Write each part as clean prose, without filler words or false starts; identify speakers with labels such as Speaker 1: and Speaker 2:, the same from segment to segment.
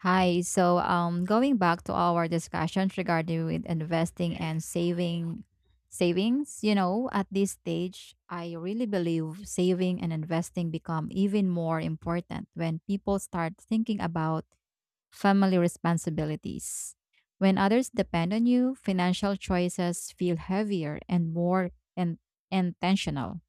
Speaker 1: Hi. Going back to our discussions regarding with investing and savings, at this stage, I really believe saving and investing become even more important when people start thinking about family responsibilities. When others depend on you, financial choices feel heavier and more intentional.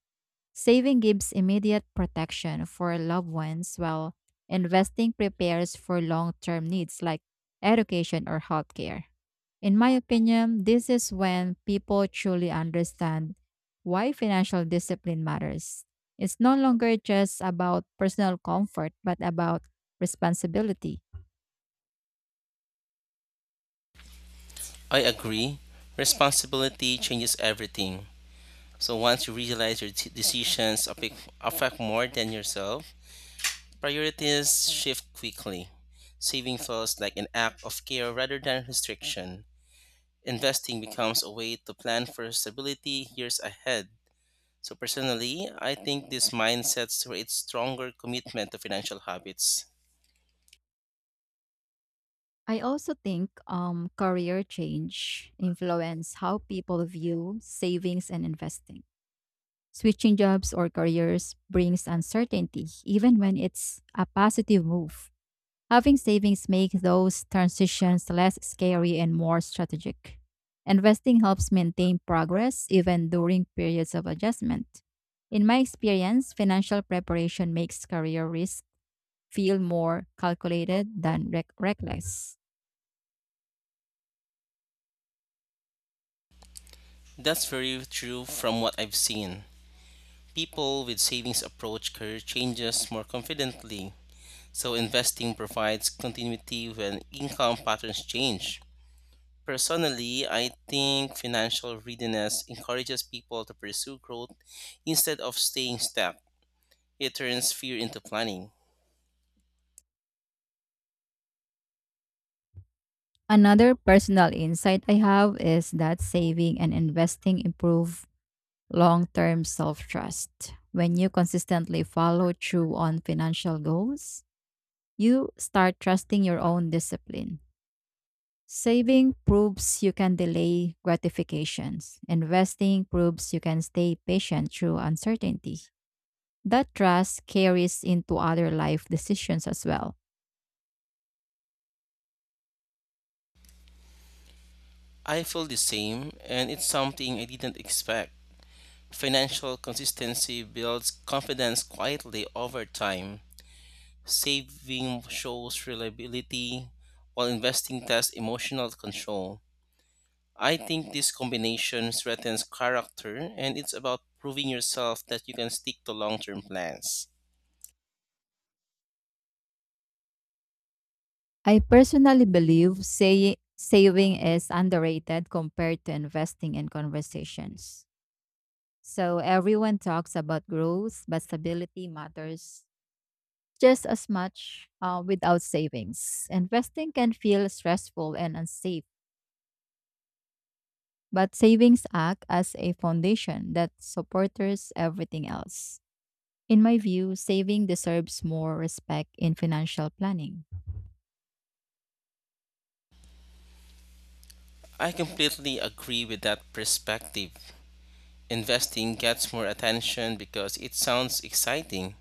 Speaker 1: Saving gives immediate protection for loved ones, while investing prepares for long term needs like education or healthcare. In my opinion, this is when people truly understand why financial discipline matters. It's no longer just about personal comfort, but about responsibility.
Speaker 2: I agree. Responsibility changes everything. So once you realize your decisions affect more than yourself, priorities shift quickly. Saving feels like an act of care rather than restriction. Investing becomes a way to plan for stability years ahead. So personally, I think this mindset creates stronger commitment to financial habits.
Speaker 1: I also think career change influence how people view savings and investing. Switching jobs or careers brings uncertainty, even when it's a positive move. Having savings make those transitions less scary and more strategic. Investing helps maintain progress even during periods of adjustment. In my experience, financial preparation makes career risk feel more calculated than reckless.
Speaker 2: That's very true from what I've seen. People with savings approach career changes more confidently. So investing provides continuity when income patterns change. Personally, I think financial readiness encourages people to pursue growth instead of staying stuck. It turns fear into planning.
Speaker 1: Another personal insight I have is that saving and investing improve long term self trust. When you consistently follow through on financial goals, you start trusting your own discipline. Saving proves you can delay gratifications. Investing proves you can stay patient through uncertainty. That trust carries into other life decisions as well.
Speaker 2: I feel the same, and it's something I didn't expect. Financial consistency builds confidence quietly over time. Saving shows reliability, while investing tests emotional control. I think this combination strengthens character and it's about proving yourself that you can stick to long term plans.
Speaker 1: I personally believe saving is underrated compared to investing in conversations. So everyone talks about growth, but stability matters just as much without savings. Investing can feel stressful and unsafe, but savings act as a foundation that supports everything else. In my view, saving deserves more respect in financial planning.
Speaker 2: I completely agree with that perspective. Investing gets more attention because it sounds exciting.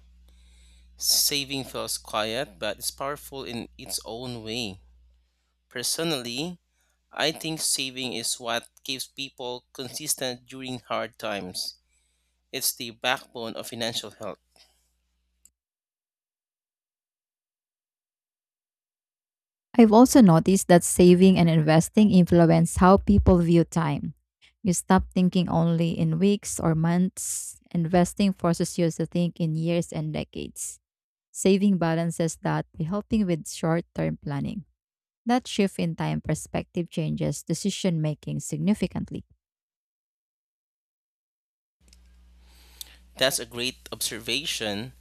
Speaker 2: Saving feels quiet, but it's powerful in its own way. Personally, I think saving is what keeps people consistent during hard times. It's the backbone of financial health.
Speaker 1: I've also noticed that saving and investing influence how people view time. You stop thinking only in weeks or months. Investing forces you to think in years and decades. Saving balances that by helping with short term planning. That shift in time perspective changes decision making significantly.
Speaker 2: That's a great observation.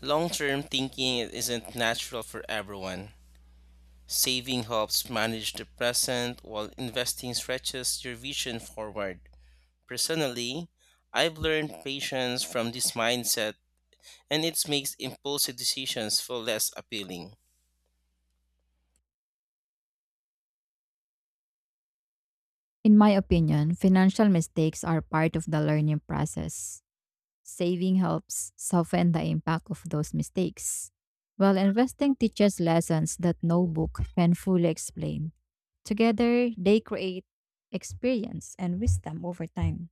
Speaker 2: Long term thinking isn't natural for everyone. Saving helps manage the present while investing stretches your vision forward. Personally, I've learned patience from this mindset and it makes impulsive decisions feel less appealing.
Speaker 1: In my opinion, financial mistakes are part of the learning process. Saving helps soften the impact of those mistakes, while investing teaches lessons that no book can fully explain. Together, they create experience and wisdom over time.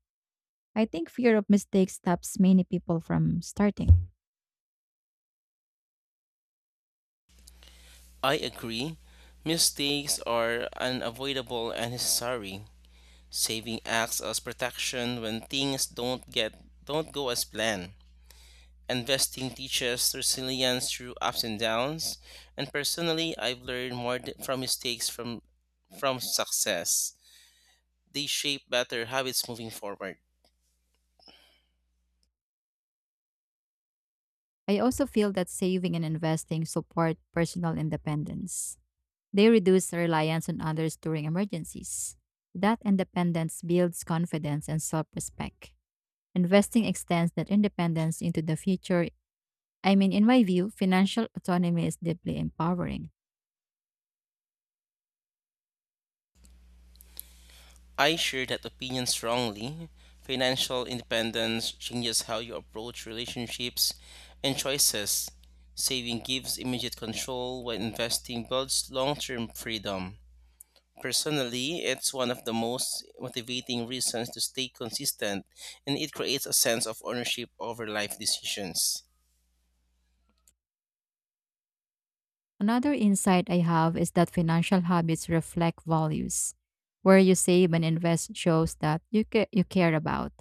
Speaker 1: I think fear of mistakes stops many people from starting.
Speaker 2: I agree, mistakes are unavoidable and necessary. Saving acts as protection when things don't go as planned. Investing teaches resilience through ups and downs, and personally, I've learned more from mistakes from success. They shape better habits moving forward.
Speaker 1: I also feel that saving and investing support personal independence. They reduce reliance on others during emergencies. That independence builds confidence and self respect. Investing extends that independence into the future. I mean, in my view, financial autonomy is deeply empowering.
Speaker 2: I share that opinion strongly. Financial independence changes how you approach relationships and choices. Saving gives immediate control, while investing builds long-term freedom. Personally, it's one of the most motivating reasons to stay consistent, and it creates a sense of ownership over life decisions.
Speaker 1: Another insight I have is that financial habits reflect values. Where you save and invest shows that you care about.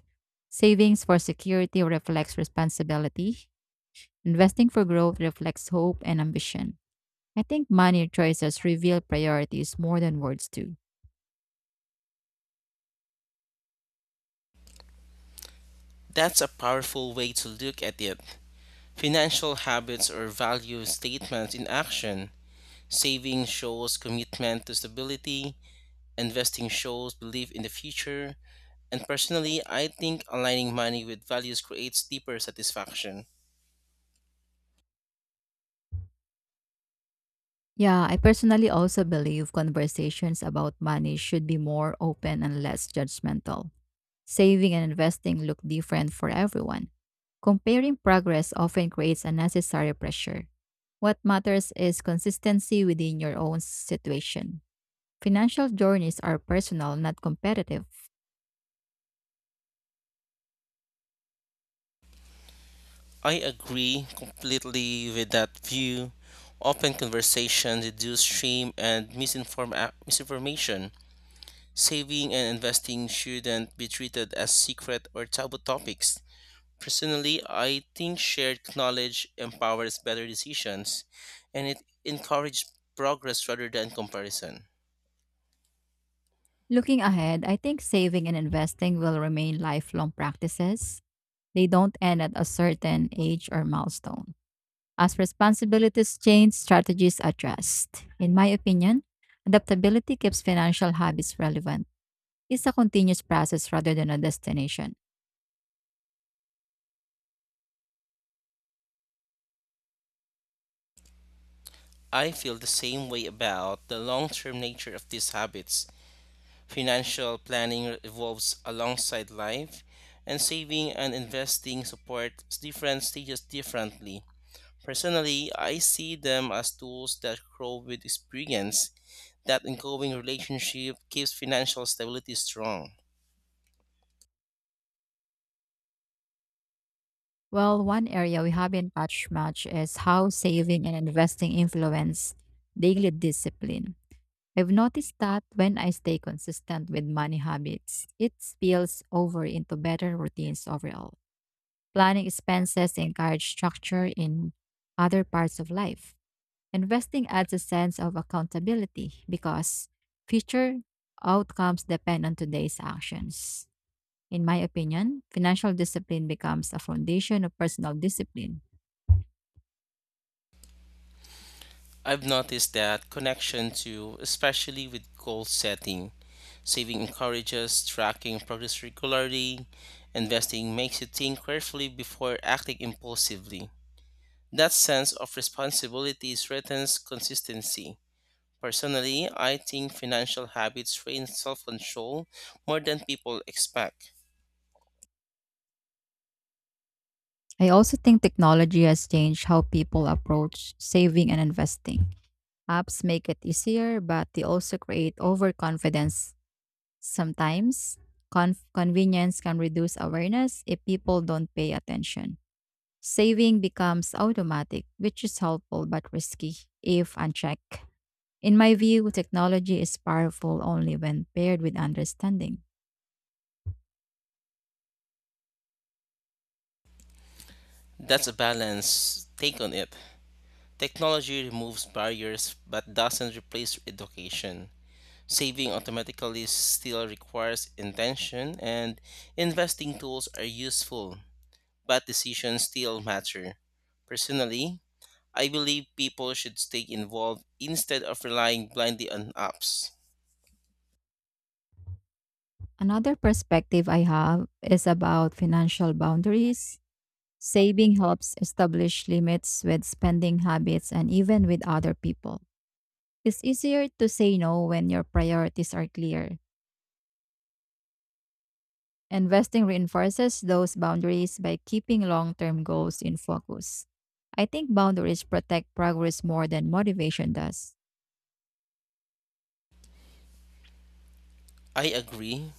Speaker 1: Savings for security reflects responsibility. Investing for growth reflects hope and ambition. I think money choices reveal priorities more than words do.
Speaker 2: That's a powerful way to look at it. Financial habits or value statements in action. Saving shows commitment to stability, investing shows belief in the future, and personally, I think aligning money with values creates deeper satisfaction.
Speaker 1: Yeah, I personally also believe conversations about money should be more open and less judgmental. Saving and investing look different for everyone. Comparing progress often creates unnecessary pressure. What matters is consistency within your own situation. Financial journeys are personal, not competitive.
Speaker 2: I agree completely with that view. Open conversation reduce shame and misinformation. Saving and investing shouldn't be treated as secret or taboo topics. Personally, I think shared knowledge empowers better decisions and it encourages progress rather than comparison.
Speaker 1: Looking ahead, I think saving and investing will remain lifelong practices. They don't end at a certain age or milestone. As responsibilities change, strategies adjust. In my opinion, adaptability keeps financial habits relevant. It's a continuous process rather than a destination.
Speaker 2: I feel the same way about the long term nature of these habits. Financial planning evolves alongside life, and saving and investing support different stages differently. Personally, I see them as tools that grow with experience. That ongoing relationship keeps financial stability strong.
Speaker 1: Well, one area we haven't touched much is how saving and investing influence daily discipline. I've noticed that when I stay consistent with money habits, it spills over into better routines overall. Planning expenses encourage structure in other parts of life. Investing adds a sense of accountability because future outcomes depend on today's actions. In my opinion, financial discipline becomes a foundation of personal discipline.
Speaker 2: I've noticed that connection too, especially with goal setting. Saving encourages tracking progress regularly, investing makes you think carefully before acting impulsively. That sense of responsibility threatens consistency. Personally, I think financial habits train self control more than people expect.
Speaker 1: I also think technology has changed how people approach saving and investing. Apps make it easier, but they also create overconfidence. Sometimes, convenience can reduce awareness if people don't pay attention. Saving becomes automatic, which is helpful but risky if unchecked. In my view, technology is powerful only when paired with understanding.
Speaker 2: That's a balance. Take on it. Technology removes barriers but doesn't replace education. Saving automatically still requires intention, and investing tools are useful, but decisions still matter. Personally, I believe people should stay involved instead of relying blindly on apps.
Speaker 1: Another perspective I have is about financial boundaries. Saving helps establish limits with spending habits and even with other people. It's easier to say no when your priorities are clear. Investing reinforces those boundaries by keeping long term goals in focus. I think boundaries protect progress more than motivation does.
Speaker 2: I agree.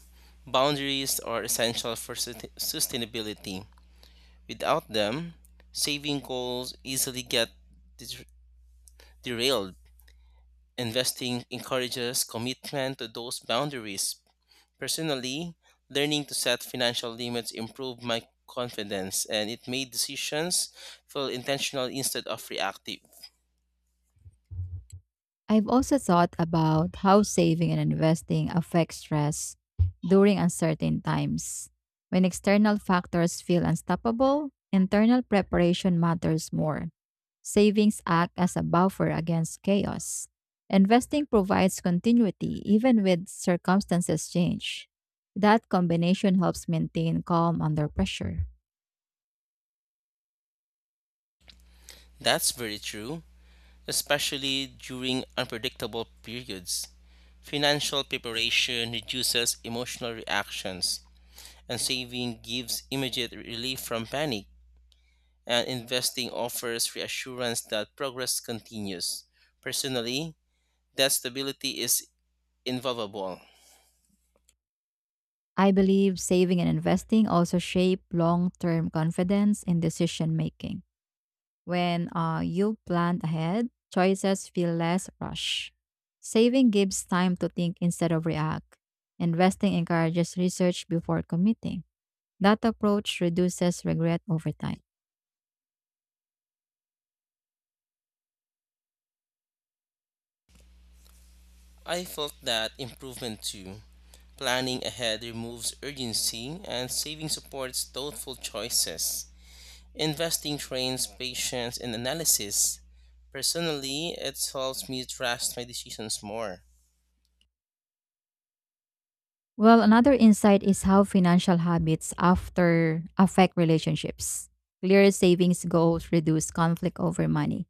Speaker 2: Boundaries are essential for sustainability. Without them, saving goals easily get der- derailed. Investing encourages commitment to those boundaries. Personally, learning to set financial limits improved my confidence and it made decisions feel intentional instead of reactive.
Speaker 1: I've also thought about how saving and investing affect stress during uncertain times. When external factors feel unstoppable, internal preparation matters more. Savings act as a buffer against chaos. Investing provides continuity even with circumstances change. That combination helps maintain calm under pressure.
Speaker 2: That's very true, especially during unpredictable periods. Financial preparation reduces emotional reactions, and saving gives immediate relief from panic, and investing offers reassurance that progress continues. Personally, that stability is invaluable.
Speaker 1: I believe saving and investing also shape long term confidence in decision making. When you plan ahead, choices feel less rushed. Saving gives time to think instead of react. Investing encourages research before committing. That approach reduces regret over time.
Speaker 2: I felt that improvement too. Planning ahead removes urgency, and saving supports thoughtful choices. Investing trains patience and analysis. Personally, it helps me trust my decisions more.
Speaker 1: Well, another insight is how financial habits after affect relationships. Clear savings goals reduce conflict over money.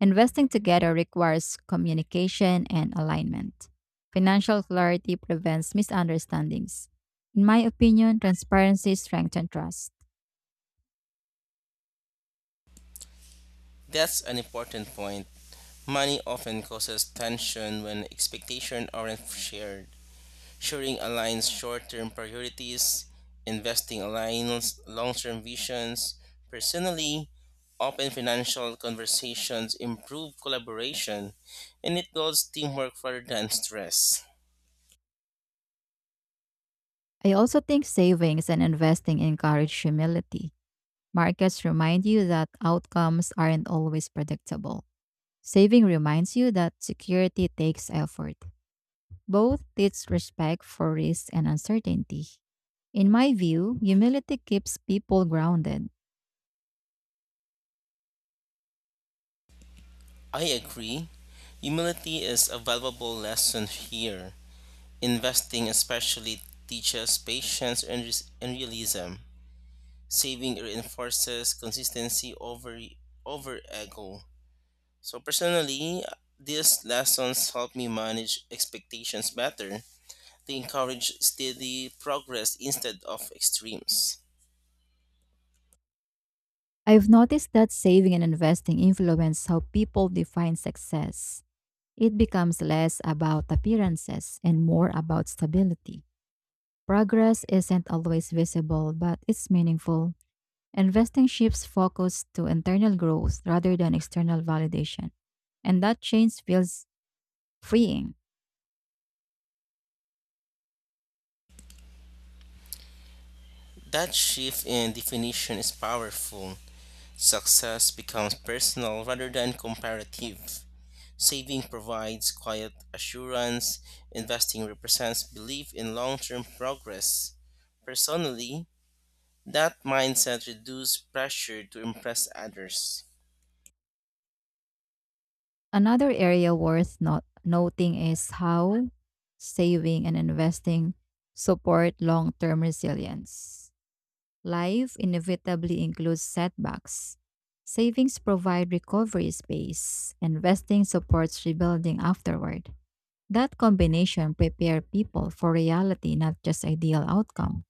Speaker 1: Investing together requires communication and alignment. Financial clarity prevents misunderstandings. In my opinion, transparency strengthens trust.
Speaker 2: That's an important point. Money often causes tension when expectations aren't shared. Sharing aligns short term priorities, investing aligns long term visions. Personally, open financial conversations improve collaboration and it builds teamwork rather than stress.
Speaker 1: I also think savings and investing encourage humility. Markets remind you that outcomes aren't always predictable. Saving reminds you that security takes effort. Both teach respect for risk and uncertainty. In my view, humility keeps people grounded.
Speaker 2: I agree. Humility is a valuable lesson here. Investing especially teaches patience and, and realism. Saving reinforces consistency over ego. So personally, these lessons help me manage expectations better. They encourage steady progress instead of extremes.
Speaker 1: I've noticed that saving and investing influence how people define success. It becomes less about appearances and more about stability. Progress isn't always visible, but it's meaningful. Investing shifts focus to internal growth rather than external validation, and that change feels freeing.
Speaker 2: That shift in definition is powerful. Success becomes personal rather than comparative. Saving provides quiet assurance, investing represents belief in long term progress. Personally, that mindset reduces pressure to impress others.
Speaker 1: Another area worth not noting is how saving and investing support long term resilience. Life inevitably includes setbacks. Savings provide recovery space, investing supports rebuilding afterward. That combination prepare people for reality, not just ideal outcome.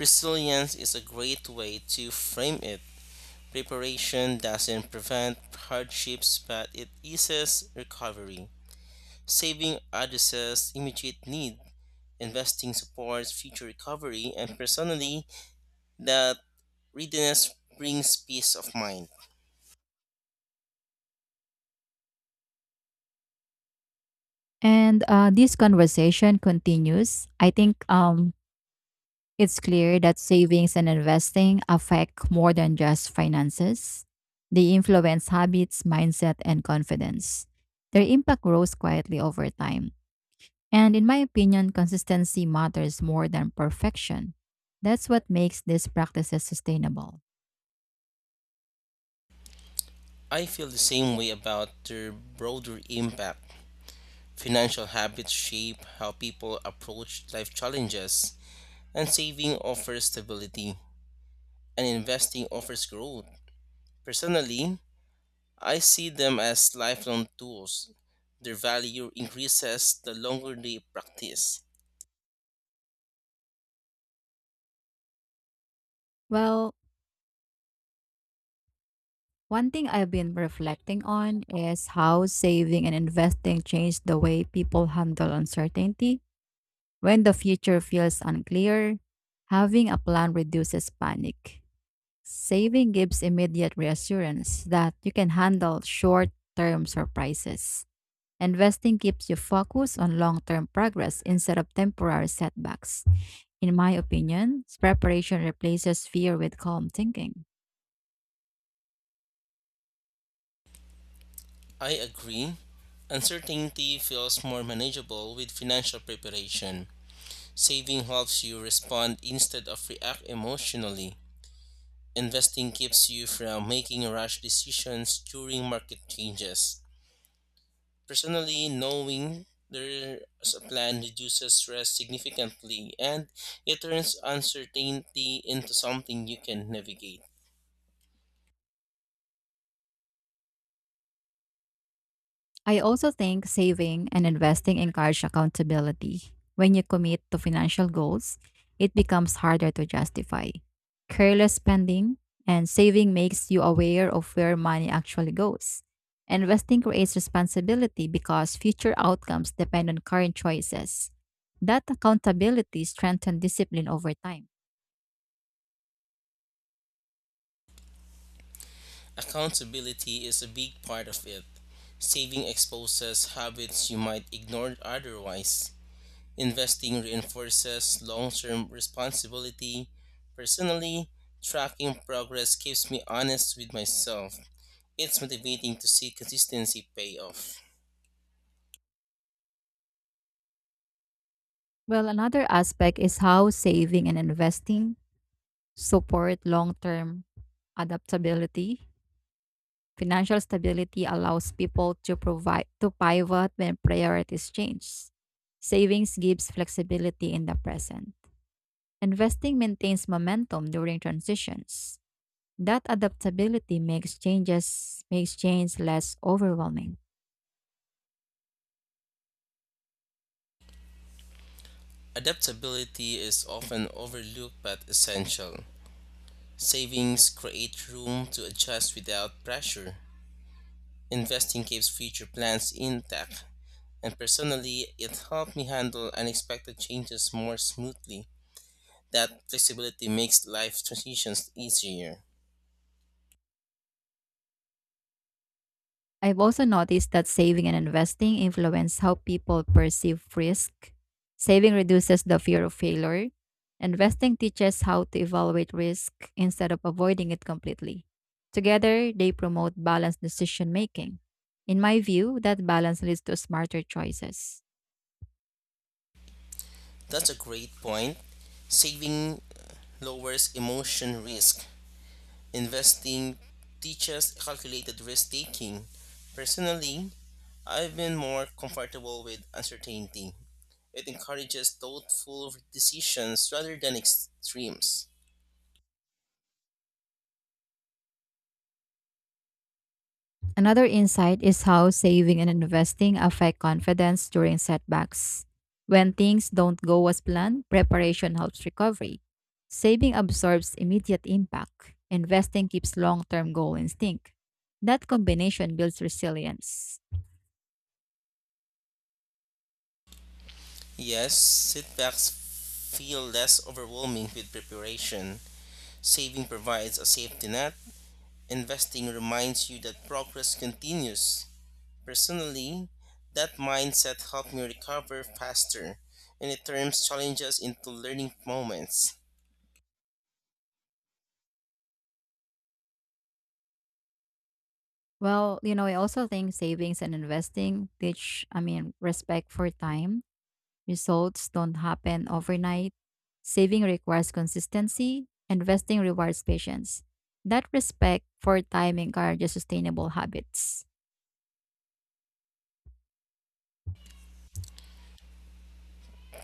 Speaker 2: Resilience is a great way to frame it. Preparation doesn't prevent hardships, but it eases recovery. Saving addresses immediate need, investing supports future recovery, and personally, that readiness brings peace of mind.
Speaker 1: And this conversation continues. I think it's clear that savings and investing affect more than just finances. They influence habits, mindset, and confidence. Their impact grows quietly over time. And in my opinion, consistency matters more than perfection. That's what makes these practices sustainable.
Speaker 2: I feel the same way about their broader impact. Financial habits shape how people approach life challenges, and saving offers stability, and investing offers growth. Personally, I see them as lifelong tools. Their value increases the longer they practice.
Speaker 1: Well, one thing I've been reflecting on is how saving and investing changed the way people handle uncertainty. When the future feels unclear, having a plan reduces panic. Saving gives immediate reassurance that you can handle short term surprises. Investing keeps you focused on long term progress instead of temporary setbacks. In my opinion, preparation replaces fear with calm thinking.
Speaker 2: I agree. Uncertainty feels more manageable with financial preparation. Saving helps you respond instead of react emotionally. Investing keeps you from making rash decisions during market changes. Personally, knowing there's a plan reduces stress significantly and it turns uncertainty into something you can navigate.
Speaker 1: I also think saving and investing encourage accountability. When you commit to financial goals, it becomes harder to justify. Careless spending and saving makes you aware of where money actually goes. Investing creates responsibility because future outcomes depend on current choices. That accountability strengthens discipline over time.
Speaker 2: Accountability is a big part of it. Saving exposes habits you might ignore otherwise. Investing reinforces long term responsibility. Personally, tracking progress keeps me honest with myself. It's motivating to see consistency pay off.
Speaker 1: Well, another aspect is how saving and investing support long term adaptability. Financial stability allows people to provide to pivot when priorities change. Savings gives flexibility in the present. Investing maintains momentum during transitions. That adaptability makes change less overwhelming.
Speaker 2: Adaptability is often overlooked but essential. Savings create room to adjust without pressure. Investing keeps future plans intact, and personally, it helped me handle unexpected changes more smoothly. That flexibility makes life transitions easier.
Speaker 1: I've also noticed that saving and investing influence how people perceive risk. Saving reduces the fear of failure. Investing teaches how to evaluate risk instead of avoiding it completely. Together, they promote balanced decision making. In my view, that balance leads to smarter choices.
Speaker 2: That's a great point. Saving lowers emotion risk. Investing teaches calculated risk taking. Personally, I've been more comfortable with uncertainty. It encourages thoughtful decisions rather than extremes.
Speaker 1: Another insight is how saving and investing affect confidence during setbacks. When things don't go as planned, preparation helps recovery. Saving absorbs immediate impact. Investing keeps long term goal instinct. That combination builds resilience.
Speaker 2: Yes, setbacks feel less overwhelming with preparation. Saving provides a safety net. Investing reminds you that progress continues. Personally, that mindset helped me recover faster, and it turns challenges into learning moments.
Speaker 1: Well, you know, I also think savings and investing teach, I mean, respect for time. Results don't happen overnight. Saving requires consistency. Investing rewards patience. That respect for time encourages sustainable habits.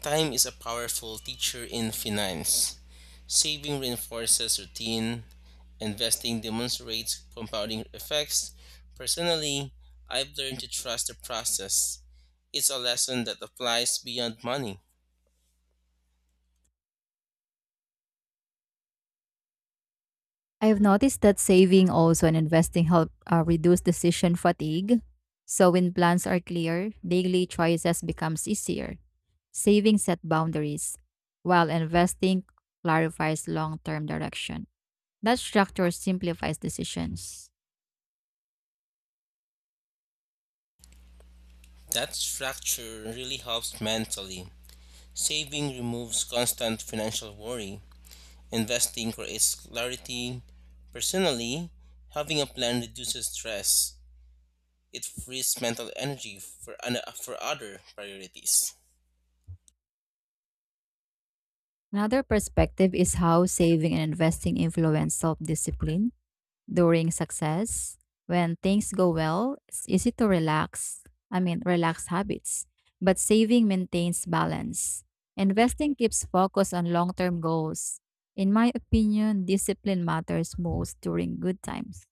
Speaker 2: Time is a powerful teacher in finance. Saving reinforces routine, investing demonstrates compounding effects. Personally, I've learned to trust the process. It's a lesson that applies beyond money.
Speaker 1: I've noticed that saving also and investing help reduce decision fatigue. So when plans are clear, daily choices becomes easier. Saving set boundaries, while investing clarifies long-term direction. That structure simplifies decisions.
Speaker 2: That structure really helps mentally. Saving removes constant financial worry. Investing creates clarity. Personally, having a plan reduces stress. It frees mental energy for, for other priorities.
Speaker 1: Another perspective is how saving and investing influence self discipline during success. When things go well, it's easy to relax habits, but saving maintains balance. Investing keeps focus on long term goals. In my opinion, discipline matters most during good times.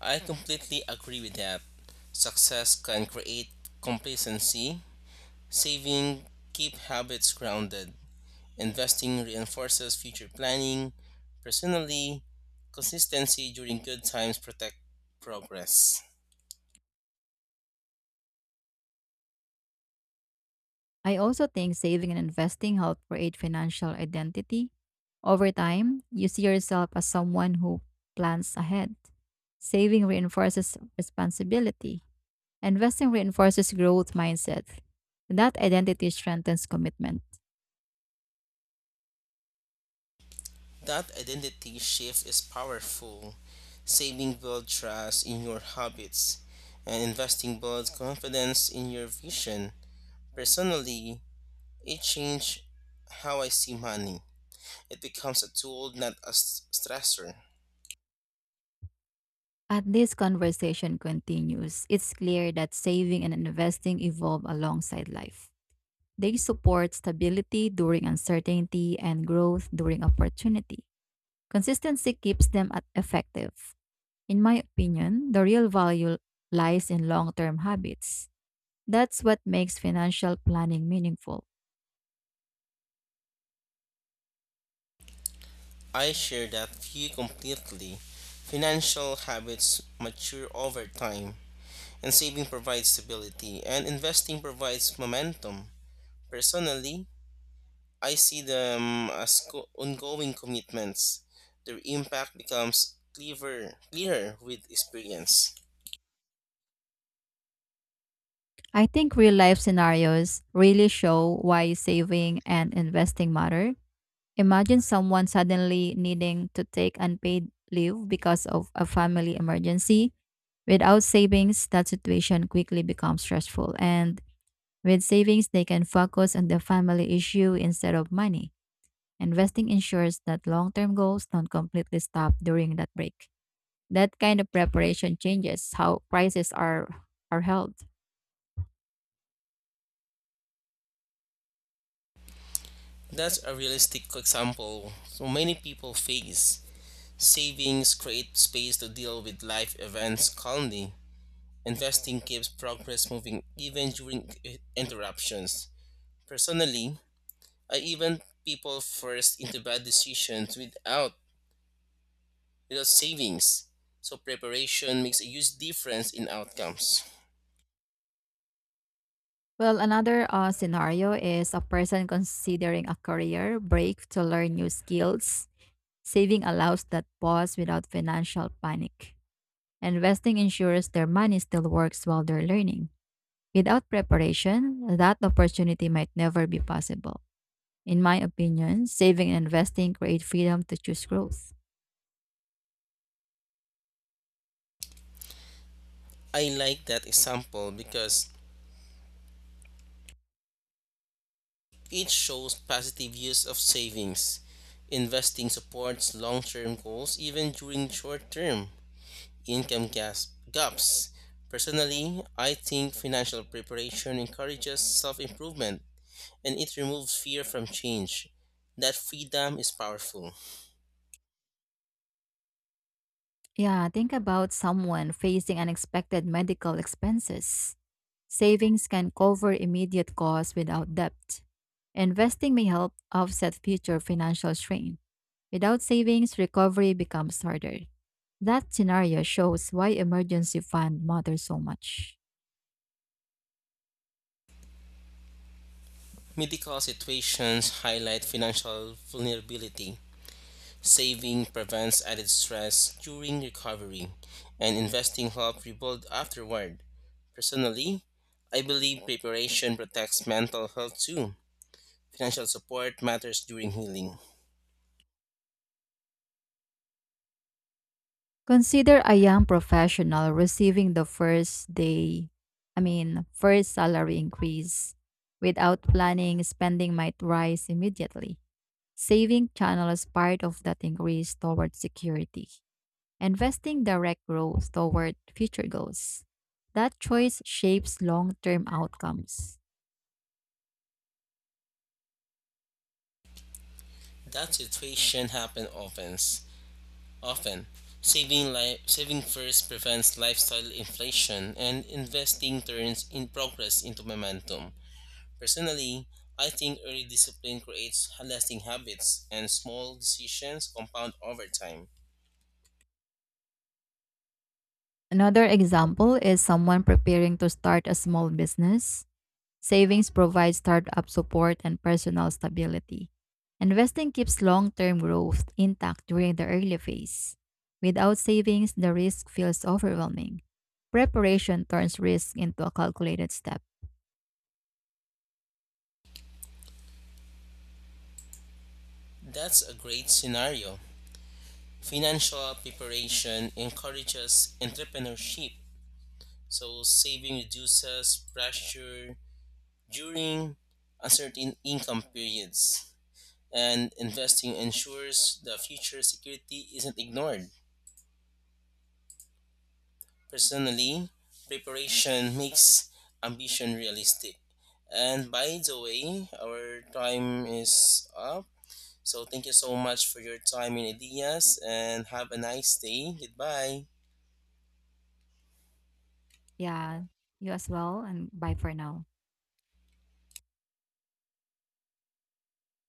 Speaker 2: I completely agree with that. Success can create complacency. Saving keep habits grounded. Investing reinforces future planning. Personally, consistency during good times protect progress.
Speaker 1: I also think saving and investing help create financial identity. Over time, you see yourself as someone who plans ahead. Saving reinforces responsibility. Investing reinforces growth mindset. That identity strengthens commitment.
Speaker 2: That identity shift is powerful. Saving builds trust in your habits, and investing builds confidence in your vision. Personally, it changed how I see money. It becomes a tool, not a stressor.
Speaker 1: As this conversation continues, it's clear that saving and investing evolve alongside life. They support stability during uncertainty and growth during opportunity. Consistency keeps them effective. In my opinion, the real value lies in long term habits. That's what makes financial planning meaningful.
Speaker 2: I share that view completely. Financial habits mature over time, and saving provides stability, and investing provides momentum. Personally, I see them as ongoing commitments. Their impact becomes clearer with experience.
Speaker 1: I think real life scenarios really show why saving and investing matter. Imagine someone suddenly needing to take unpaid leave because of a family emergency. Without savings, that situation quickly becomes stressful. And with savings, they can focus on the family issue instead of money, and resting ensures that long term goals don't completely stop during that break. That kind of preparation changes how are held.
Speaker 2: That's a realistic example so many people face. Savings create space to deal with life events calmly. Investing keeps progress moving even during interruptions. Personally, I even people first into bad decisions without savings. So preparation makes a huge difference in outcomes.
Speaker 1: Well, another scenario is a person considering a career break to learn new skills. Saving allows that pause without financial panic. Investing ensures their money still works while they're learning. Without preparation, that opportunity might never be possible. In my opinion, saving and investing create freedom to choose growth.
Speaker 2: I like that example because it shows positive use of savings. Investing supports long term goals even during short term income gaps. Personally, I think financial preparation encourages self improvement and it removes fear from change. That freedom is powerful.
Speaker 1: Yeah, think about someone facing unexpected medical expenses. Savings can cover immediate costs without debt. Investing may help offset future financial strain. Without savings, recovery becomes harder. That scenario shows why emergency fund matters so much.
Speaker 2: Medical situations highlight financial vulnerability. Saving prevents added stress during recovery, and investing helps rebuild afterward. Personally, I believe preparation protects mental health too. Financial support matters during healing.
Speaker 1: Consider a young professional receiving the first day, I mean, first salary increase. Without planning, spending might rise immediately. Saving channels part of that increase toward security, investing direct growth toward future goals. That choice shapes long term outcomes.
Speaker 2: That situation happen often. Often, saving first prevents lifestyle inflation, and investing turns in progress into momentum. Personally, I think early discipline creates lasting habits, and small decisions compound over time.
Speaker 1: Another example is someone preparing to start a small business. Savings provides startup support and personal stability. Investing keeps long term growth intact during the early phase. Without savings, the risk feels overwhelming. Preparation turns risk into a calculated step.
Speaker 2: That's a great scenario. Financial preparation encourages entrepreneurship, so saving reduces pressure during uncertain income periods. And investing ensures the future security isn't ignored. Personally, preparation makes ambition realistic. And by the way, our time is up. So thank you so much for your time and ideas and have a nice day. Goodbye.
Speaker 1: Yeah, you as well, and bye for now.